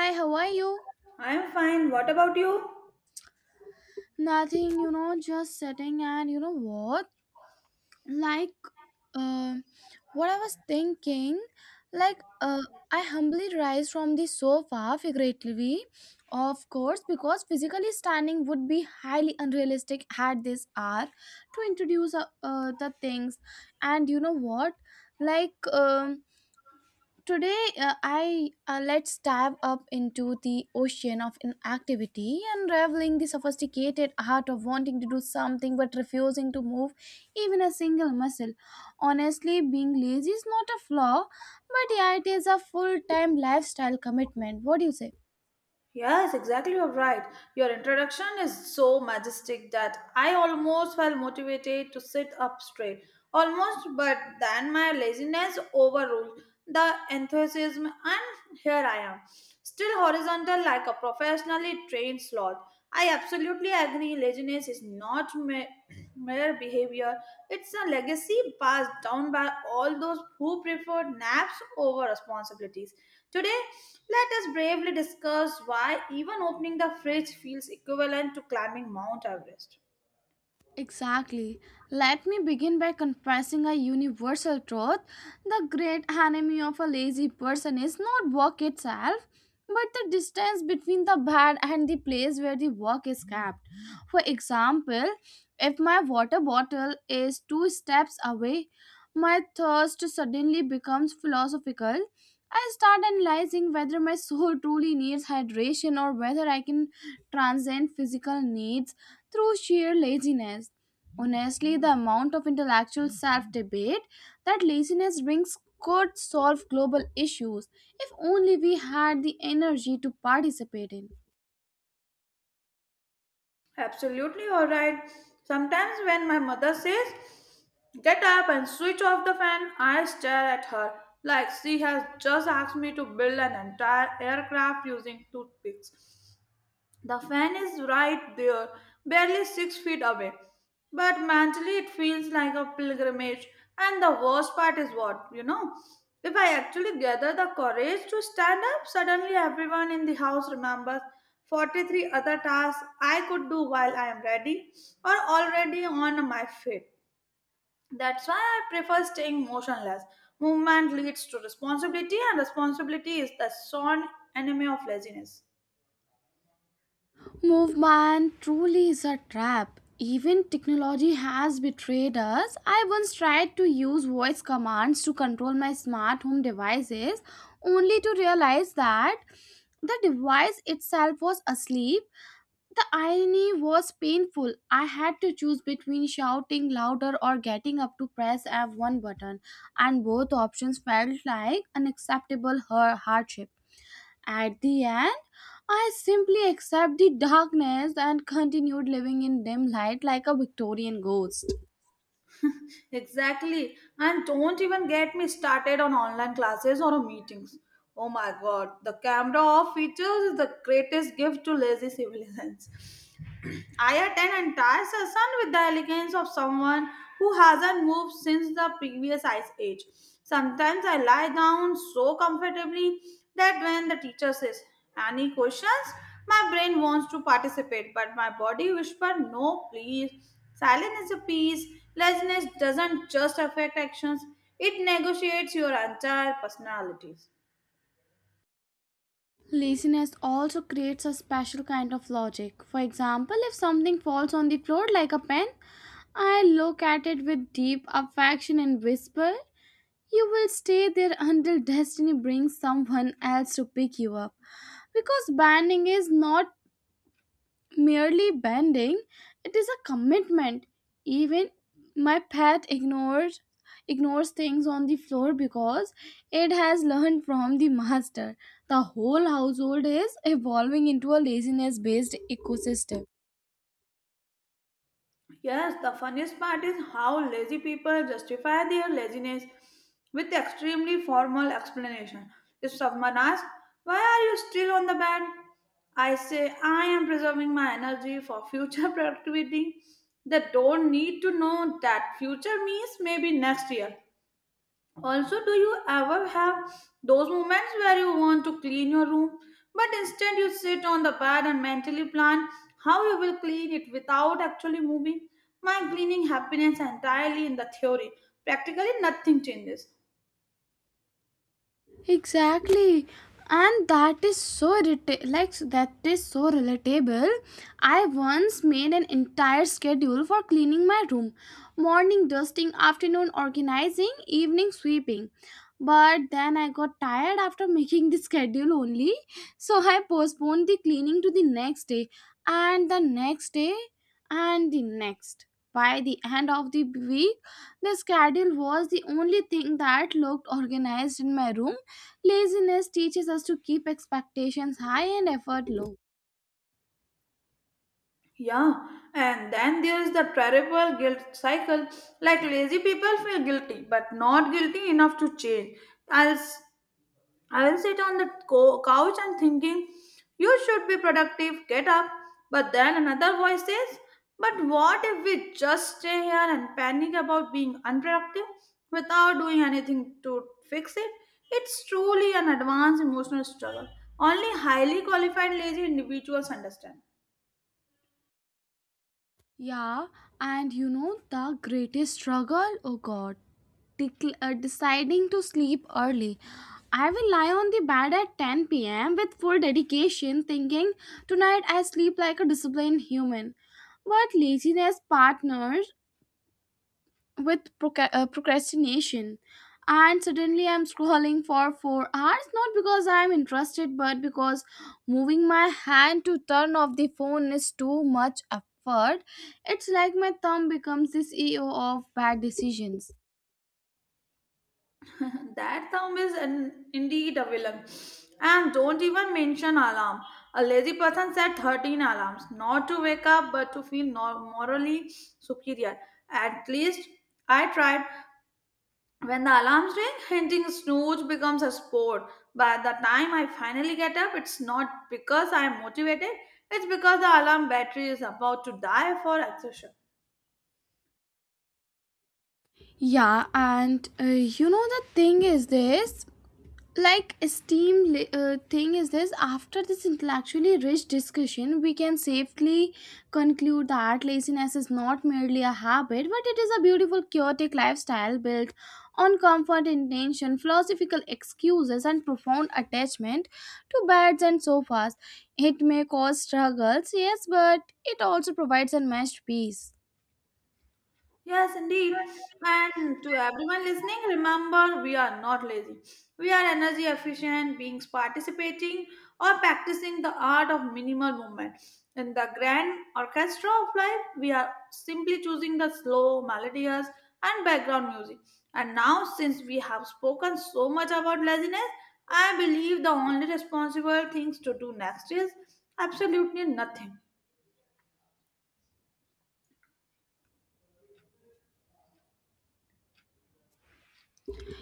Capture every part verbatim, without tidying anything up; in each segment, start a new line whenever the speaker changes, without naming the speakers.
Hi, how are you?
I am fine. What about you?
Nothing, you know, just sitting and you know what? Like, um, what I was thinking, like, uh, I humbly rise from the sofa, figuratively, of course, because physically standing would be highly unrealistic at this hour to introduce uh, uh, the things. And you know what? Like, um, today uh, I uh, let's dive up into the ocean of inactivity, unraveling the sophisticated art of wanting to do something but refusing to move even a single muscle. Honestly, being lazy is not a flaw, but yeah, it is a full-time lifestyle commitment. What do you say?
Yes, exactly. You're right. Your introduction is so majestic that I almost felt motivated to sit up straight. Almost, but then my laziness overruled the enthusiasm, and here I am, still horizontal like a professionally trained sloth. I absolutely agree. Laziness is not me. Mirror behavior. It's a legacy passed down by all those who preferred naps over responsibilities. Today, let us bravely discuss why even opening the fridge feels equivalent to climbing Mount Everest.
Exactly. Let me begin by confessing a universal truth. The great enemy of a lazy person is not work itself, but the distance between the bed and the place where the work is kept. For example, if my water bottle is two steps away, my thirst suddenly becomes philosophical. I start analyzing whether my soul truly needs hydration or whether I can transcend physical needs through sheer laziness. Honestly, the amount of intellectual self debate that laziness brings could solve global issues if only we had the energy to participate in.
Absolutely alright. Sometimes when my mother says, "Get up and switch off the fan," I stare at her like she has just asked me to build an entire aircraft using toothpicks. The fan is right there, barely six feet away, but mentally, it feels like a pilgrimage. And the worst part is what, you know? If I actually gather the courage to stand up, suddenly everyone in the house remembers forty-three other tasks I could do while I am ready or already on my feet. That's why I prefer staying motionless. Movement leads to responsibility, and responsibility is the sworn enemy of laziness.
Movement truly is a trap. Even technology has betrayed us. I once tried to use voice commands to control my smart home devices, only to realize that the device itself was asleep. The irony was painful. I had to choose between shouting louder or getting up to press F one button, and both options felt like unacceptable her- hardship. At the end, I simply accepted the darkness and continued living in dim light like a Victorian ghost.
Exactly. And don't even get me started on online classes or meetings. Oh my god, the camera off features is the greatest gift to lazy civilians. Ayat and entire session with the elegance of someone who hasn't moved since the previous ice age. Sometimes I lie down so comfortably that when the teacher says, "Any questions?" my brain wants to participate, but my body whispers, "No, please. Silence is a peace." Laziness doesn't just affect actions, it negotiates your entire personalities.
Laziness also creates a special kind of logic. For example, if something falls on the floor like a pen, I look at it with deep affection and whisper, "You will stay there until destiny brings someone else to pick you up." Because banding is not merely banding, it is a commitment. Even my pet ignores ignores things on the floor because it has learned from the master. The whole household is evolving into a laziness based ecosystem.
Yes, the funniest part is how lazy people justify their laziness with extremely formal explanation. If someone asks, "Why are you still on the bed?" I say, "I am preserving my energy for future productivity." They don't need to know that future means maybe next year. Also, do you ever have those moments where you want to clean your room, but instead you sit on the bed and mentally plan how you will clean it without actually moving? My cleaning happiness entirely in the theory. Practically nothing changes.
Exactly. And that is so irrita- like that is so relatable. I once made an entire schedule for cleaning my room. Morning dusting, afternoon organizing, evening sweeping. But then I got tired after making the schedule only. So I postponed the cleaning to the next day, and the next day, and the next. By the end of the week, the schedule was the only thing that looked organized in my room. Laziness teaches us to keep expectations high and effort low.
Yeah, and then there is the terrible guilt cycle. Like lazy people feel guilty, but not guilty enough to change. Else. I will sit on the co- couch and thinking, you should be productive, get up. But then another voice says, but what if we just stay here and panic about being unproductive without doing anything to fix it? It's truly an advanced emotional struggle. Only highly qualified lazy individuals understand.
Yeah, and you know the greatest struggle? Oh god, Decl- uh, deciding to sleep early. I will lie on the bed at ten p m with full dedication, thinking tonight I sleep like a disciplined human. But laziness partners with proca- uh, procrastination, and suddenly I'm scrolling for four hours, not because I'm interested but because moving my hand to turn off the phone is too much effort. It's like my thumb becomes the CEO of bad decisions.
That thumb is an, indeed a villain. And don't even mention alarm. A lazy person set thirteen alarms, not to wake up but to feel nor- morally superior. At least I tried. When the alarms ring, hinting snooze becomes a sport. By the time I finally get up, it's not because I'm motivated, it's because the alarm battery is about to die for exhaustion.
Yeah, and uh, you know, the thing is this, like esteem li- uh, thing is this, after this intellectually rich discussion we can safely conclude that laziness is not merely a habit, but it is a beautiful, chaotic lifestyle built on comfort, intention, philosophical excuses, and profound attachment to beds and sofas. It may cause struggles, yes, but it also provides unmatched peace.
Yes, indeed. And to everyone listening, remember we are not lazy. We are energy efficient beings participating or practicing the art of minimal movement. In the grand orchestra of life, we are simply choosing the slow, melodious, and background music. And now, since we have spoken so much about laziness, I believe the only responsible things to do next is absolutely nothing.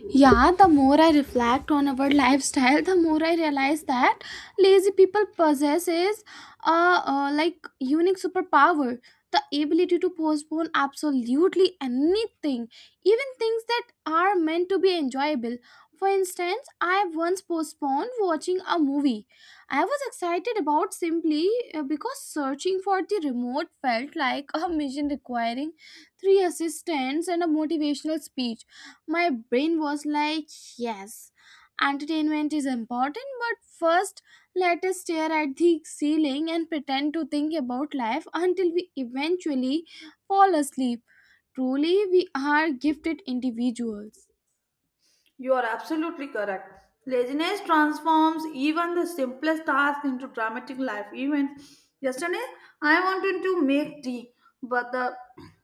Yeah, the more I reflect on our lifestyle, the more I realize that lazy people possesses a uh, like unique superpower, the ability to postpone absolutely anything, even things that are meant to be enjoyable. For instance, I once postponed watching a movie I was excited about simply uh, because searching for the remote felt like a mission requiring three assistants and a motivational speech. My brain was like, yes, entertainment is important, but first let us stare at the ceiling and pretend to think about life until we eventually fall asleep. Truly, we are gifted individuals.
You are absolutely correct. Laziness transforms even the simplest task into dramatic life events. Yesterday, I wanted to make tea, but the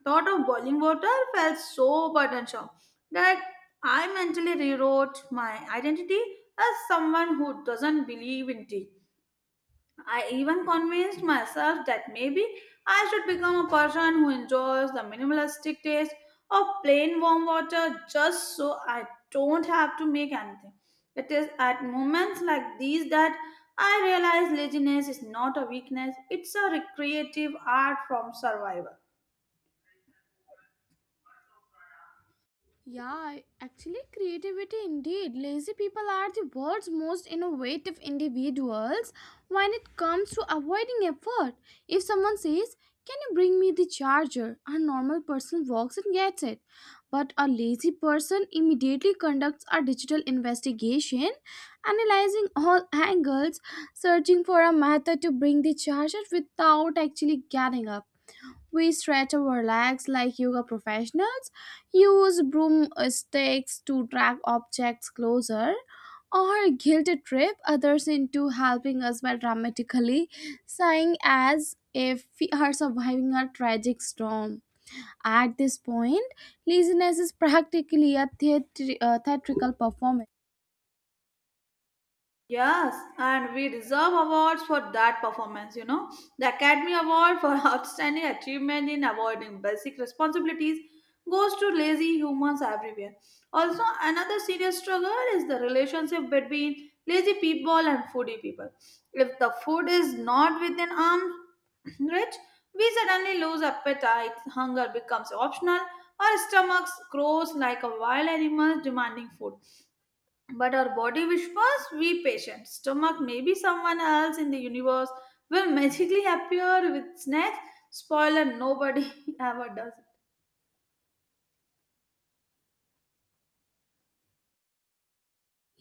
thought of boiling water felt so burdensome that I mentally rewrote my identity as someone who doesn't believe in tea. I even convinced myself that maybe I should become a person who enjoys the minimalistic taste of plain warm water just so I don't have to make anything. It is at moments like these that I realize laziness is not a weakness, it's a recreative art from survival.
Yeah, actually, creativity indeed. Lazy people are the world's most innovative individuals when it comes to avoiding effort. If someone says, "Can you bring me the charger?" a normal person walks and gets it. But a lazy person immediately conducts a digital investigation, analyzing all angles, searching for a method to bring the charger without actually getting up. We stretch our legs like yoga professionals, use broomsticks to drag objects closer, or guilt trip others into helping us by dramatically sighing as if we are surviving a tragic storm. At this point, laziness is practically a theatri- uh, theatrical performance.
Yes, and we deserve awards for that performance, you know. The Academy Award for Outstanding Achievement in Avoiding Basic Responsibilities goes to lazy humans everywhere. Also, another serious struggle is the relationship between lazy people and foodie people. If the food is not within arm's reach, we suddenly lose appetite, hunger becomes optional, our stomachs grows like a wild animal demanding food. But our body whispers, we patient. Stomach, maybe someone else in the universe will magically appear with snacks. Spoiler, nobody ever does.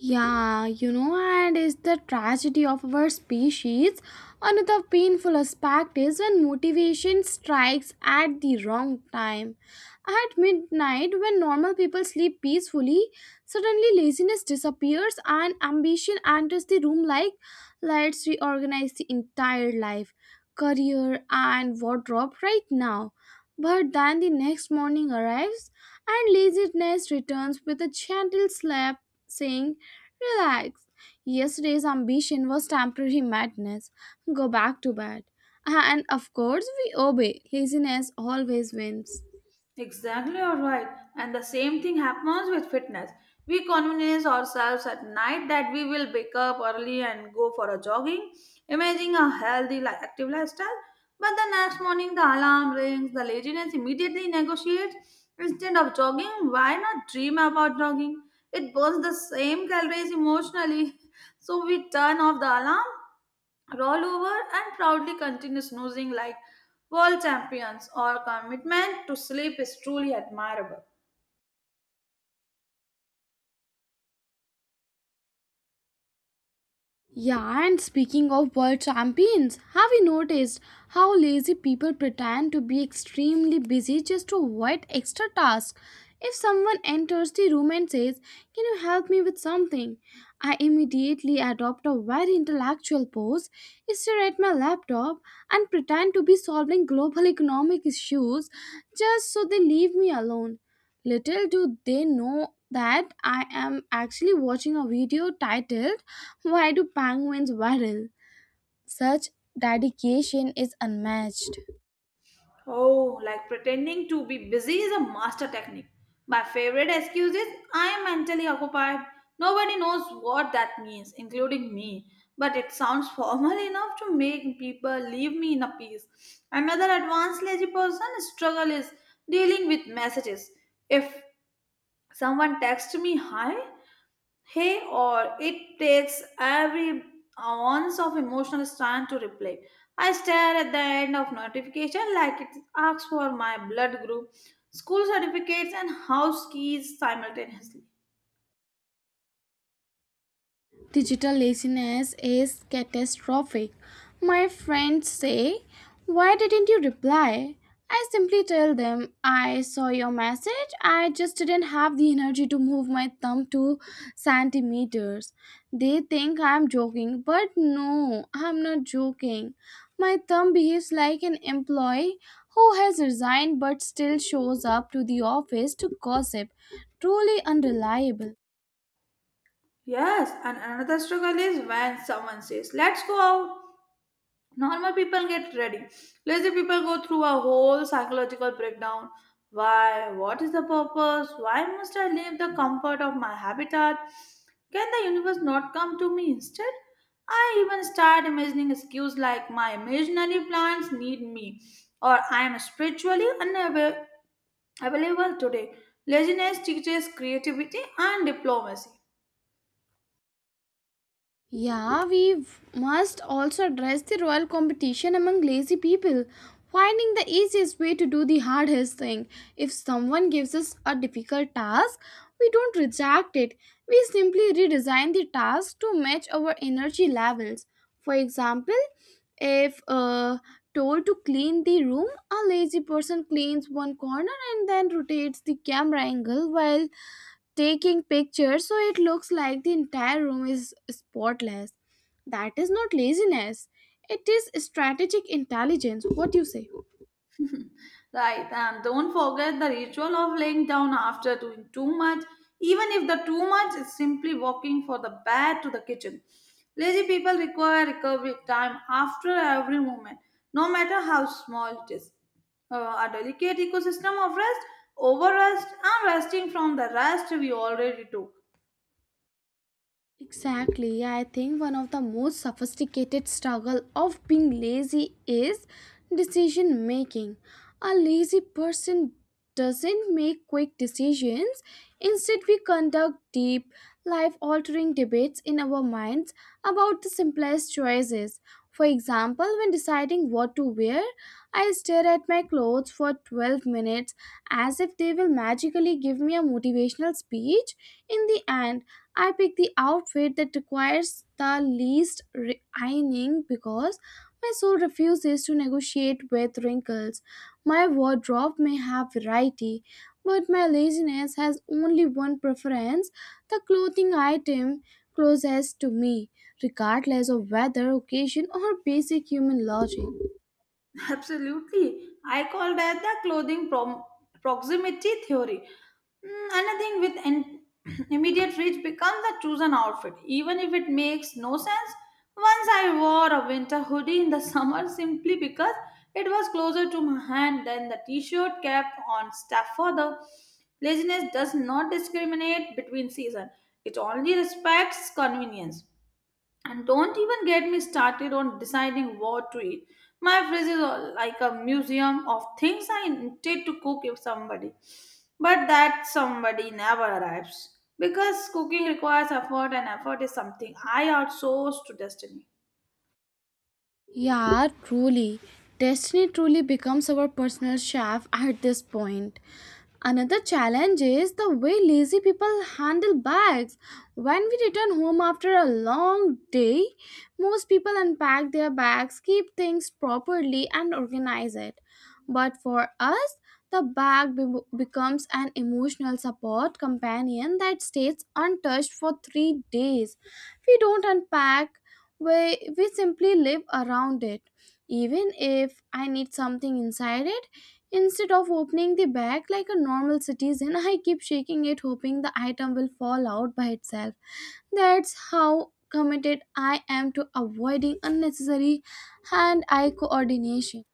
Yeah, you know, and it's the tragedy of our species. Another painful aspect is when motivation strikes at the wrong time. At midnight, when normal people sleep peacefully, suddenly laziness disappears and ambition enters the room like, let's reorganize the entire life, career, and wardrobe right now. But then the next morning arrives and laziness returns with a gentle slap, saying, "Relax. Yesterday's ambition was temporary madness. Go back to bed." Uh, And of course, we obey. Laziness always wins.
Exactly, you're right. And the same thing happens with fitness. We convince ourselves at night that we will wake up early and go for a jogging, imagining a healthy, li- active lifestyle. But the next morning, the alarm rings, the laziness immediately negotiates. Instead of jogging, why not dream about jogging? It burns the same calories emotionally. So we turn off the alarm, roll over and proudly continue snoozing like world champions. Our commitment to sleep is truly admirable.
Yeah, and speaking of world champions, have you noticed how lazy people pretend to be extremely busy just to avoid extra tasks? If someone enters the room and says, "Can you help me with something?" I immediately adopt a very intellectual pose, stare at my laptop, and pretend to be solving global economic issues just so they leave me alone. Little do they know that I am actually watching a video titled, "Why do penguins waddle?" Such dedication is unmatched.
Oh, like pretending to be busy is a master technique. My favorite excuse is I am mentally occupied. Nobody knows what that means, including me. But it sounds formal enough to make people leave me in a peace. Another advanced lazy person struggle is dealing with messages. If someone texts me hi, Hey, or it takes every ounce of emotional strength to reply. I stare at the end of notification like it asks for my blood group, school certificates, and house keys simultaneously.
Digital laziness is catastrophic. My friends say, "Why didn't you reply?" I simply tell them, I saw your message, I just didn't have the energy to move my thumb two centimeters. They think I'm joking, but no, I'm not joking. My thumb behaves like an employee who has resigned but still shows up to the office to gossip. Truly unreliable.
Yes, and another struggle is when someone says, "Let's go out." Normal people get ready, lazy people go through a whole psychological breakdown. Why, what is the purpose, why must I leave the comfort of my habitat? Can the universe not come to me instead? I even start imagining excuses like my imaginary plants need me or I am spiritually unavailable today. Laziness teaches creativity and diplomacy.
Yeah, we must also address the royal competition among lazy people: finding the easiest way to do the hardest thing. If someone gives us a difficult task, we don't reject it. We simply redesign the task to match our energy levels. For example, if uh, told to clean the room, a lazy person cleans one corner and then rotates the camera angle while taking pictures so it looks like the entire room is spotless. That is not laziness, it is strategic intelligence. What do you say?
Right, and don't forget the ritual of laying down after doing too much. Even if the too much is simply walking from the bed to the kitchen. Lazy people require recovery time after every movement, no matter how small it is. Uh, a delicate ecosystem of rest, overrest, and resting from the rest we already do.
Exactly. Yeah, I think one of the most sophisticated struggle of being lazy is decision making. A lazy person doesn't make quick decisions. Instead, we conduct deep, life altering debates in our minds about the simplest choices. For example, when deciding what to wear, I stare at my clothes for twelve minutes as if they will magically give me a motivational speech in the end. I pick the outfit that requires the least re- ironing because my soul refuses to negotiate with wrinkles. My wardrobe may have variety, but my laziness has only one preference: the clothing item closest to me, regardless of weather, occasion, or basic human logic.
Absolutely. I call that the clothing prom- proximity theory. Mm, another thing with an immediate reach becomes the chosen outfit, even if it makes no sense. Once I wore a winter hoodie in the summer simply because it was closer to my hand than the t shirt kept on staff further. Laziness does not discriminate between seasons, it only respects convenience. And don't even get me started on deciding what to eat. My fridge is all like a museum of things I intend to cook if somebody. But that somebody never arrives, because cooking requires effort, and effort is something I outsource to destiny.
Yeah, truly. Destiny truly becomes our personal chef at this point. Another challenge is the way lazy people handle bags. When we return home after a long day, most people unpack their bags, keep things properly, and organize it. But for us, the bag be- becomes an emotional support companion that stays untouched for three days. We don't unpack we, we simply live around it. Even if I need something inside it, instead of opening the bag like a normal citizen, I keep shaking it, hoping the item will fall out by itself. That's how committed I am to avoiding unnecessary hand eye coordination.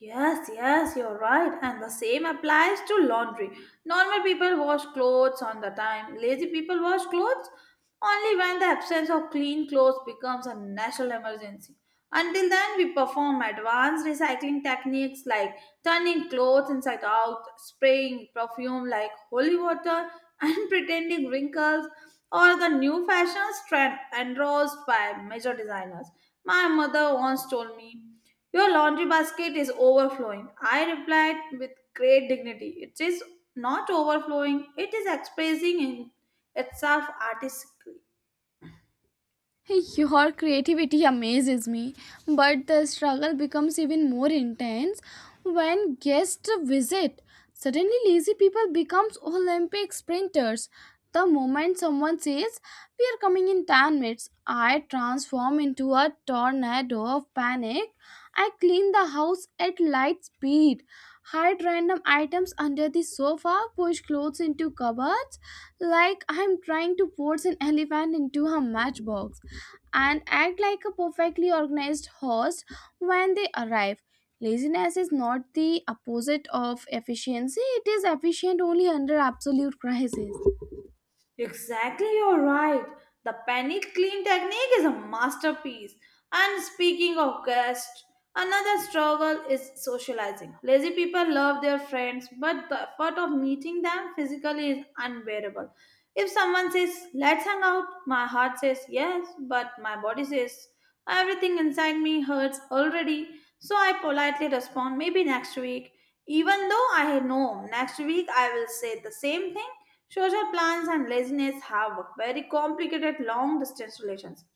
Yes, yes, you're right. And the same applies to laundry. Normal people wash clothes on the time. Lazy people wash clothes only when the absence of clean clothes becomes a national emergency. Until then, we perform advanced recycling techniques like turning clothes inside out, spraying perfume like holy water, and pretending wrinkles or the new fashions trend endorsed by major designers. My mother once told me, "Your laundry basket is overflowing." I replied with great dignity, "It is not overflowing, it is expressing in itself artistically."
Your creativity amazes me, but the struggle becomes even more intense when guests visit. Suddenly, lazy people becomes Olympic sprinters. The moment someone says, "We are coming in ten minutes," I transform into a tornado of panic. I clean the house at light speed, hide random items under the sofa, push clothes into cupboards like I'm trying to force an elephant into a matchbox, and act like a perfectly organized host when they arrive. Laziness is not the opposite of efficiency, it is efficient only under absolute crisis.
Exactly, you're right. The penny clean technique is a masterpiece. And speaking of guests, another struggle is socializing. Lazy people love their friends, but the effort of meeting them physically is unbearable. If someone says, "Let's hang out," my heart says yes, but my body says, "Everything inside me hurts already." So I politely respond, "Maybe next week." Even though I know next week I will say the same thing. Social plans and laziness have very complicated long distance relations.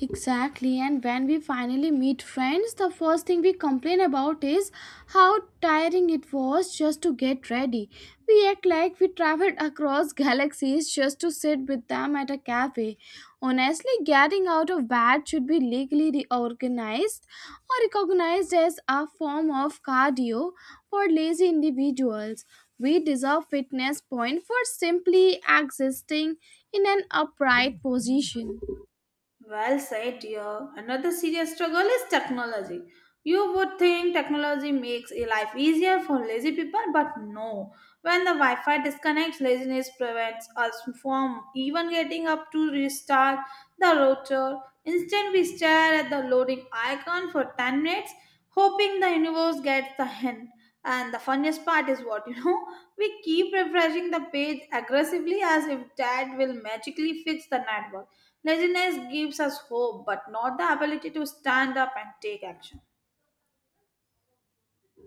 Exactly, and when we finally meet friends, the first thing we complain about is how tiring it was just to get ready. We act like we traveled across galaxies just to sit with them at a cafe. Honestly, getting out of bed should be legally reorganized or recognized as a form of cardio for lazy individuals. We deserve fitness point for simply existing in an upright position.
Well said, dear. Another serious struggle is technology. You would think technology makes a life easier for lazy people, but no. When the Wi Fi disconnects, laziness prevents us from even getting up to restart the router. Instead, we stare at the loading icon for ten minutes, hoping the universe gets the hint. And the funniest part is what you know, we keep refreshing the page aggressively as if that will magically fix the network. Laziness gives us hope, but not the ability to stand up and take action.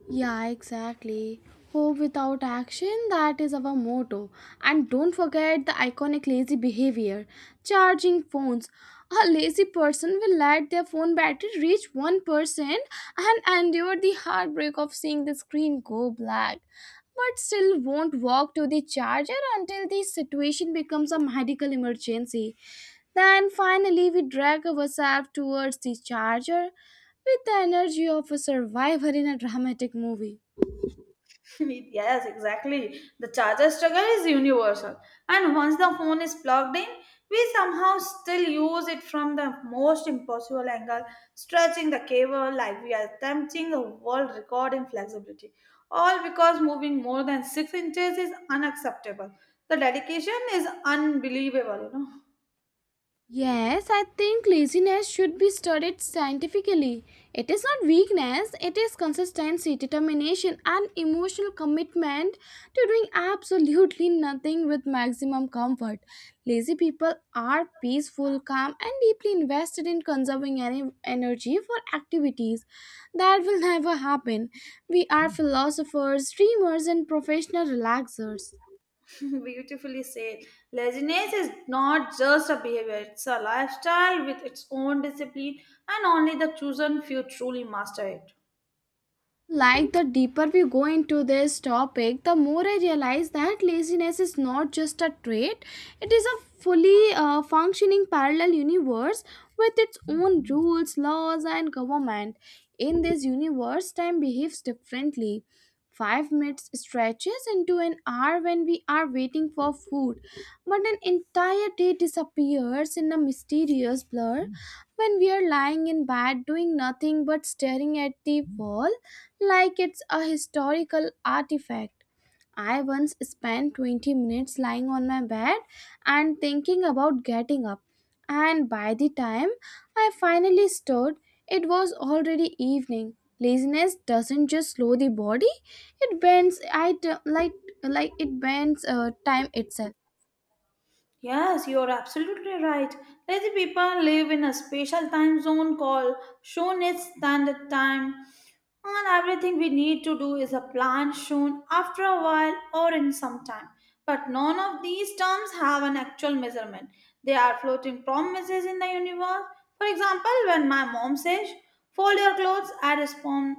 Yeah, exactly. Hope without action, that is our motto. And don't forget the iconic lazy behavior: charging phones. A lazy person will let their phone battery reach one percent and endure the heartbreak of seeing the screen go black, but still won't walk to the charger until the situation becomes a medical emergency. Then finally, we drag ourselves towards the charger with the energy of a survivor in a dramatic movie.
Yes, exactly. The charger struggle is universal, and once the phone is plugged in, we somehow still use it from the most impossible angle, stretching the cable like we are attempting a world record in flexibility. All because moving more than six inches is unacceptable. The dedication is unbelievable, you know.
Yes, I think laziness should be studied scientifically. It is not weakness, it is consistency, determination, and emotional commitment to doing absolutely nothing with maximum comfort. Lazy people are peaceful, calm, and deeply invested in conserving any energy for activities that will never happen. We are philosophers, dreamers, and professional relaxers.
Beautifully said. Laziness is not just a behavior, it's a lifestyle with its own discipline, and only the chosen few truly master it.
Like the deeper we go into this topic, the more I realize that laziness is not just a trait, it is a fully uh, functioning parallel universe with its own rules, laws, and government. In this universe, time behaves differently. Five minutes stretches into an hour when we are waiting for food, but an entire day disappears in a mysterious blur when we are lying in bed doing nothing but staring at the wall like it's a historical artifact. I once spent twenty minutes lying on my bed and thinking about getting up, and by the time I finally stood, it was already evening. Laziness doesn't just slow the body; it bends. I t- like like it bends uh, time itself.
Yes, you're absolutely right. Let the people live in a special time zone called Shonen Standard Time. And everything we need to do is a plan shown after a while or in some time. But none of these terms have an actual measurement. They are floating promises in the universe. For example, when my mom says, "Fold your clothes," I respond,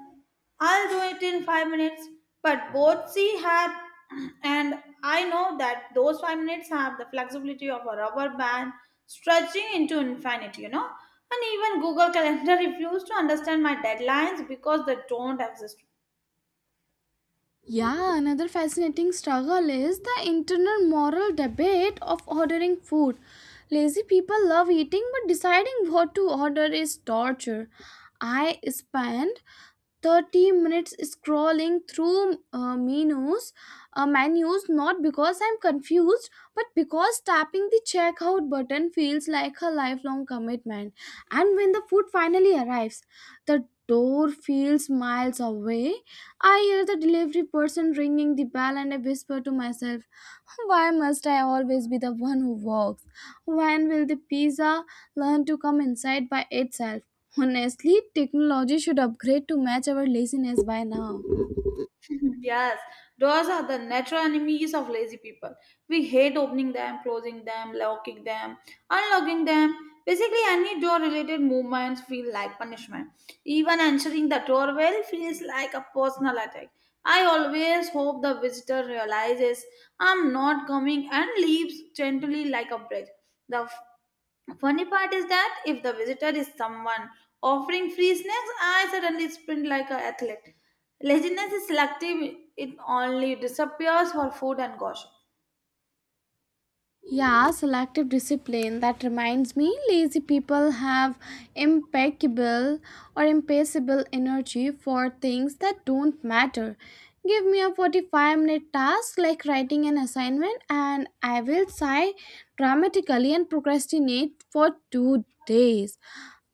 "I'll do it in five minutes." But both she had, and I know that those five minutes have the flexibility of a rubber band stretching into infinity, you know. And even Google Calendar refused to understand my deadlines because they don't exist.
Yeah, another fascinating struggle is the internal moral debate of ordering food. Lazy people love eating, but deciding what to order is torture. I spent thirty minutes scrolling through uh, menus uh, menus, not because I'm confused, but because tapping the checkout button feels like a lifelong commitment. And when the food finally arrives, the door feels miles away. I hear the delivery person ringing the bell and I whisper to myself, why must I always be the one who walks? When will the pizza learn to come inside by itself? Honestly, technology should upgrade to match our laziness by now.
Yes, doors are the natural enemies of lazy people. We hate opening them, closing them, locking them, unlocking them. Basically, any door related movements feel like punishment. Even answering the doorbell feels like a personal attack. I always hope the visitor realizes I'm not coming and leaves gently like a breath. The funny part is that if the visitor is someone offering free snacks, I suddenly sprint like an athlete. Laziness is selective, it only disappears for food and gossip.
Yeah, selective discipline. That reminds me, lazy people have impeccable or impassable energy for things that don't matter. Give me a forty-five minute task like writing an assignment, and I will sigh dramatically and procrastinate for two days.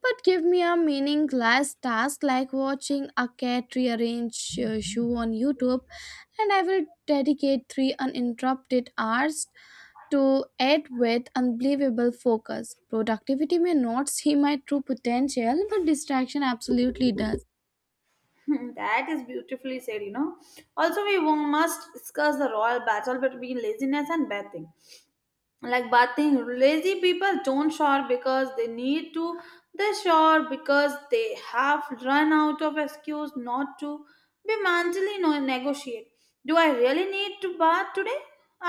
But give me a meaningless task like watching a cat rearrange a shoe on YouTube, and I will dedicate three uninterrupted hours to it with unbelievable focus. Productivity may not see my true potential, but distraction absolutely does.
That is beautifully said, you know. Also, we wo- must discuss the royal battle between laziness and bathing. Like bathing, lazy people don't shower because they need to, they shower because they have run out of excuse not to. Be mentally no- negotiate. Do I really need to bath today?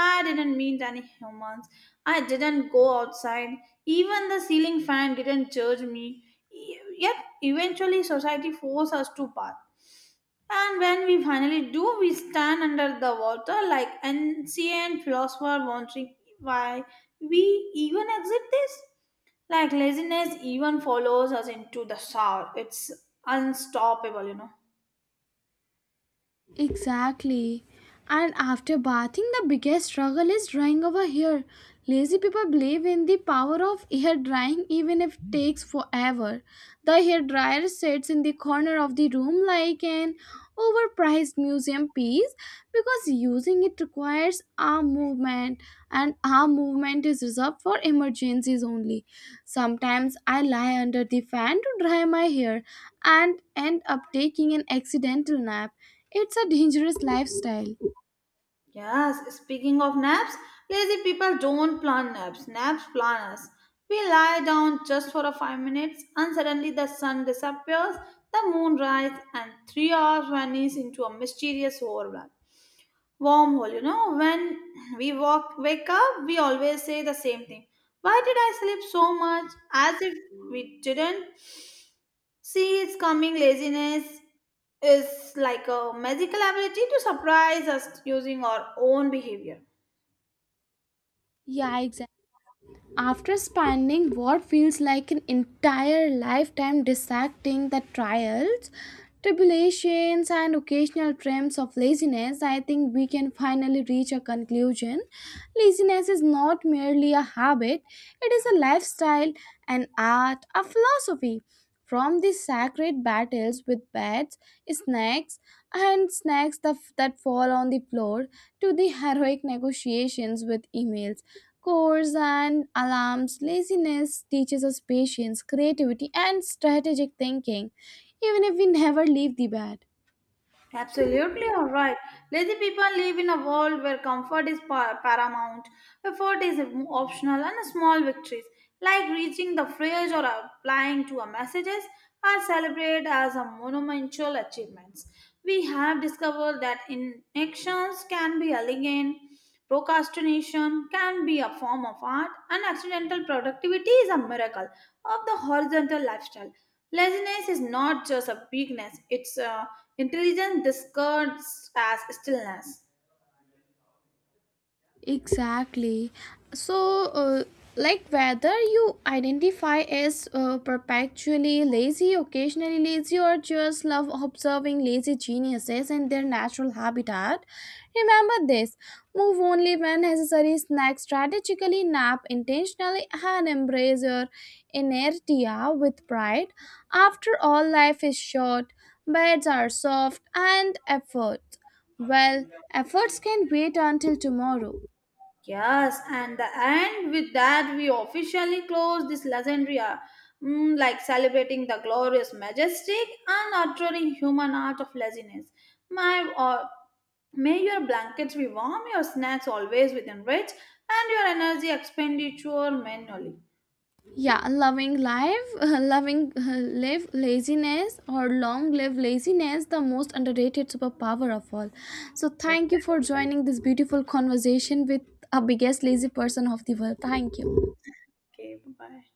I didn't meet any humans, I didn't go outside, even the ceiling fan didn't judge me. E- yet eventually society forced us to bath, and when we finally do, we stand under the water like ancient philosopher wondering why we even exit this. Like laziness even follows us into the shower. It's unstoppable, you know.
Exactly. And after bathing, the biggest struggle is drying our hair. Lazy people believe in the power of hair drying even if it takes forever. The hair dryer sits in the corner of the room like an overpriced museum piece, because using it requires arm movement and arm movement is reserved for emergencies only. Sometimes I lie under the fan to dry my hair and end up taking an accidental nap. It's a dangerous lifestyle.
Yes, speaking of naps, lazy people don't plan naps. Naps plan us. We lie down just for a five minutes and suddenly the sun disappears, the moon rises, and three hours vanish into a mysterious overlap. Wormhole, you know. When we walk wake up we always say the same thing, why did I sleep so much, as if we didn't see it's coming. Laziness is like a magical ability to surprise us using our own behavior.
Yeah, exactly. After spending what feels like an entire lifetime dissecting the trials, tribulations, and occasional triumphs of laziness, I think we can finally reach a conclusion. Laziness is not merely a habit, it is a lifestyle, an art, a philosophy. From the sacred battles with beds, snacks, and snacks that that fall on the floor, to the heroic negotiations with emails, chores and alarms, laziness teaches us patience, creativity, and strategic thinking, even if we never leave the bed.
Absolutely all right. Lazy people live in a world where comfort is pa- paramount, effort is optional, and small victories like reaching the phrase or applying to a messages are celebrated as a monumental achievements. We have discovered that inactions can be elegant, procrastination can be a form of art, and accidental productivity is a miracle of the horizontal lifestyle. Laziness is not just a weakness, it's uh, intelligence disguised as stillness.
Exactly. So, uh, like whether you identify as uh, perpetually lazy, occasionally lazy, or just love observing lazy geniuses in their natural habitat, remember this: move only when necessary, snack strategically, nap intentionally, and embrace your inertia with pride. After all, life is short, beds are soft, and effort, well, efforts can wait until tomorrow.
Yes, and the end with that, we officially close this legendary hour, mm, like celebrating the glorious, majestic, and utterly human art of laziness. My, uh, may your blankets be warm, your snacks always within reach, and your energy expenditure manually.
Yeah, loving life, loving uh, live laziness or long live laziness, the most underrated superpower of all. So thank you for joining this beautiful conversation with a biggest lazy person of the world. Thank you.
Okay, bye bye.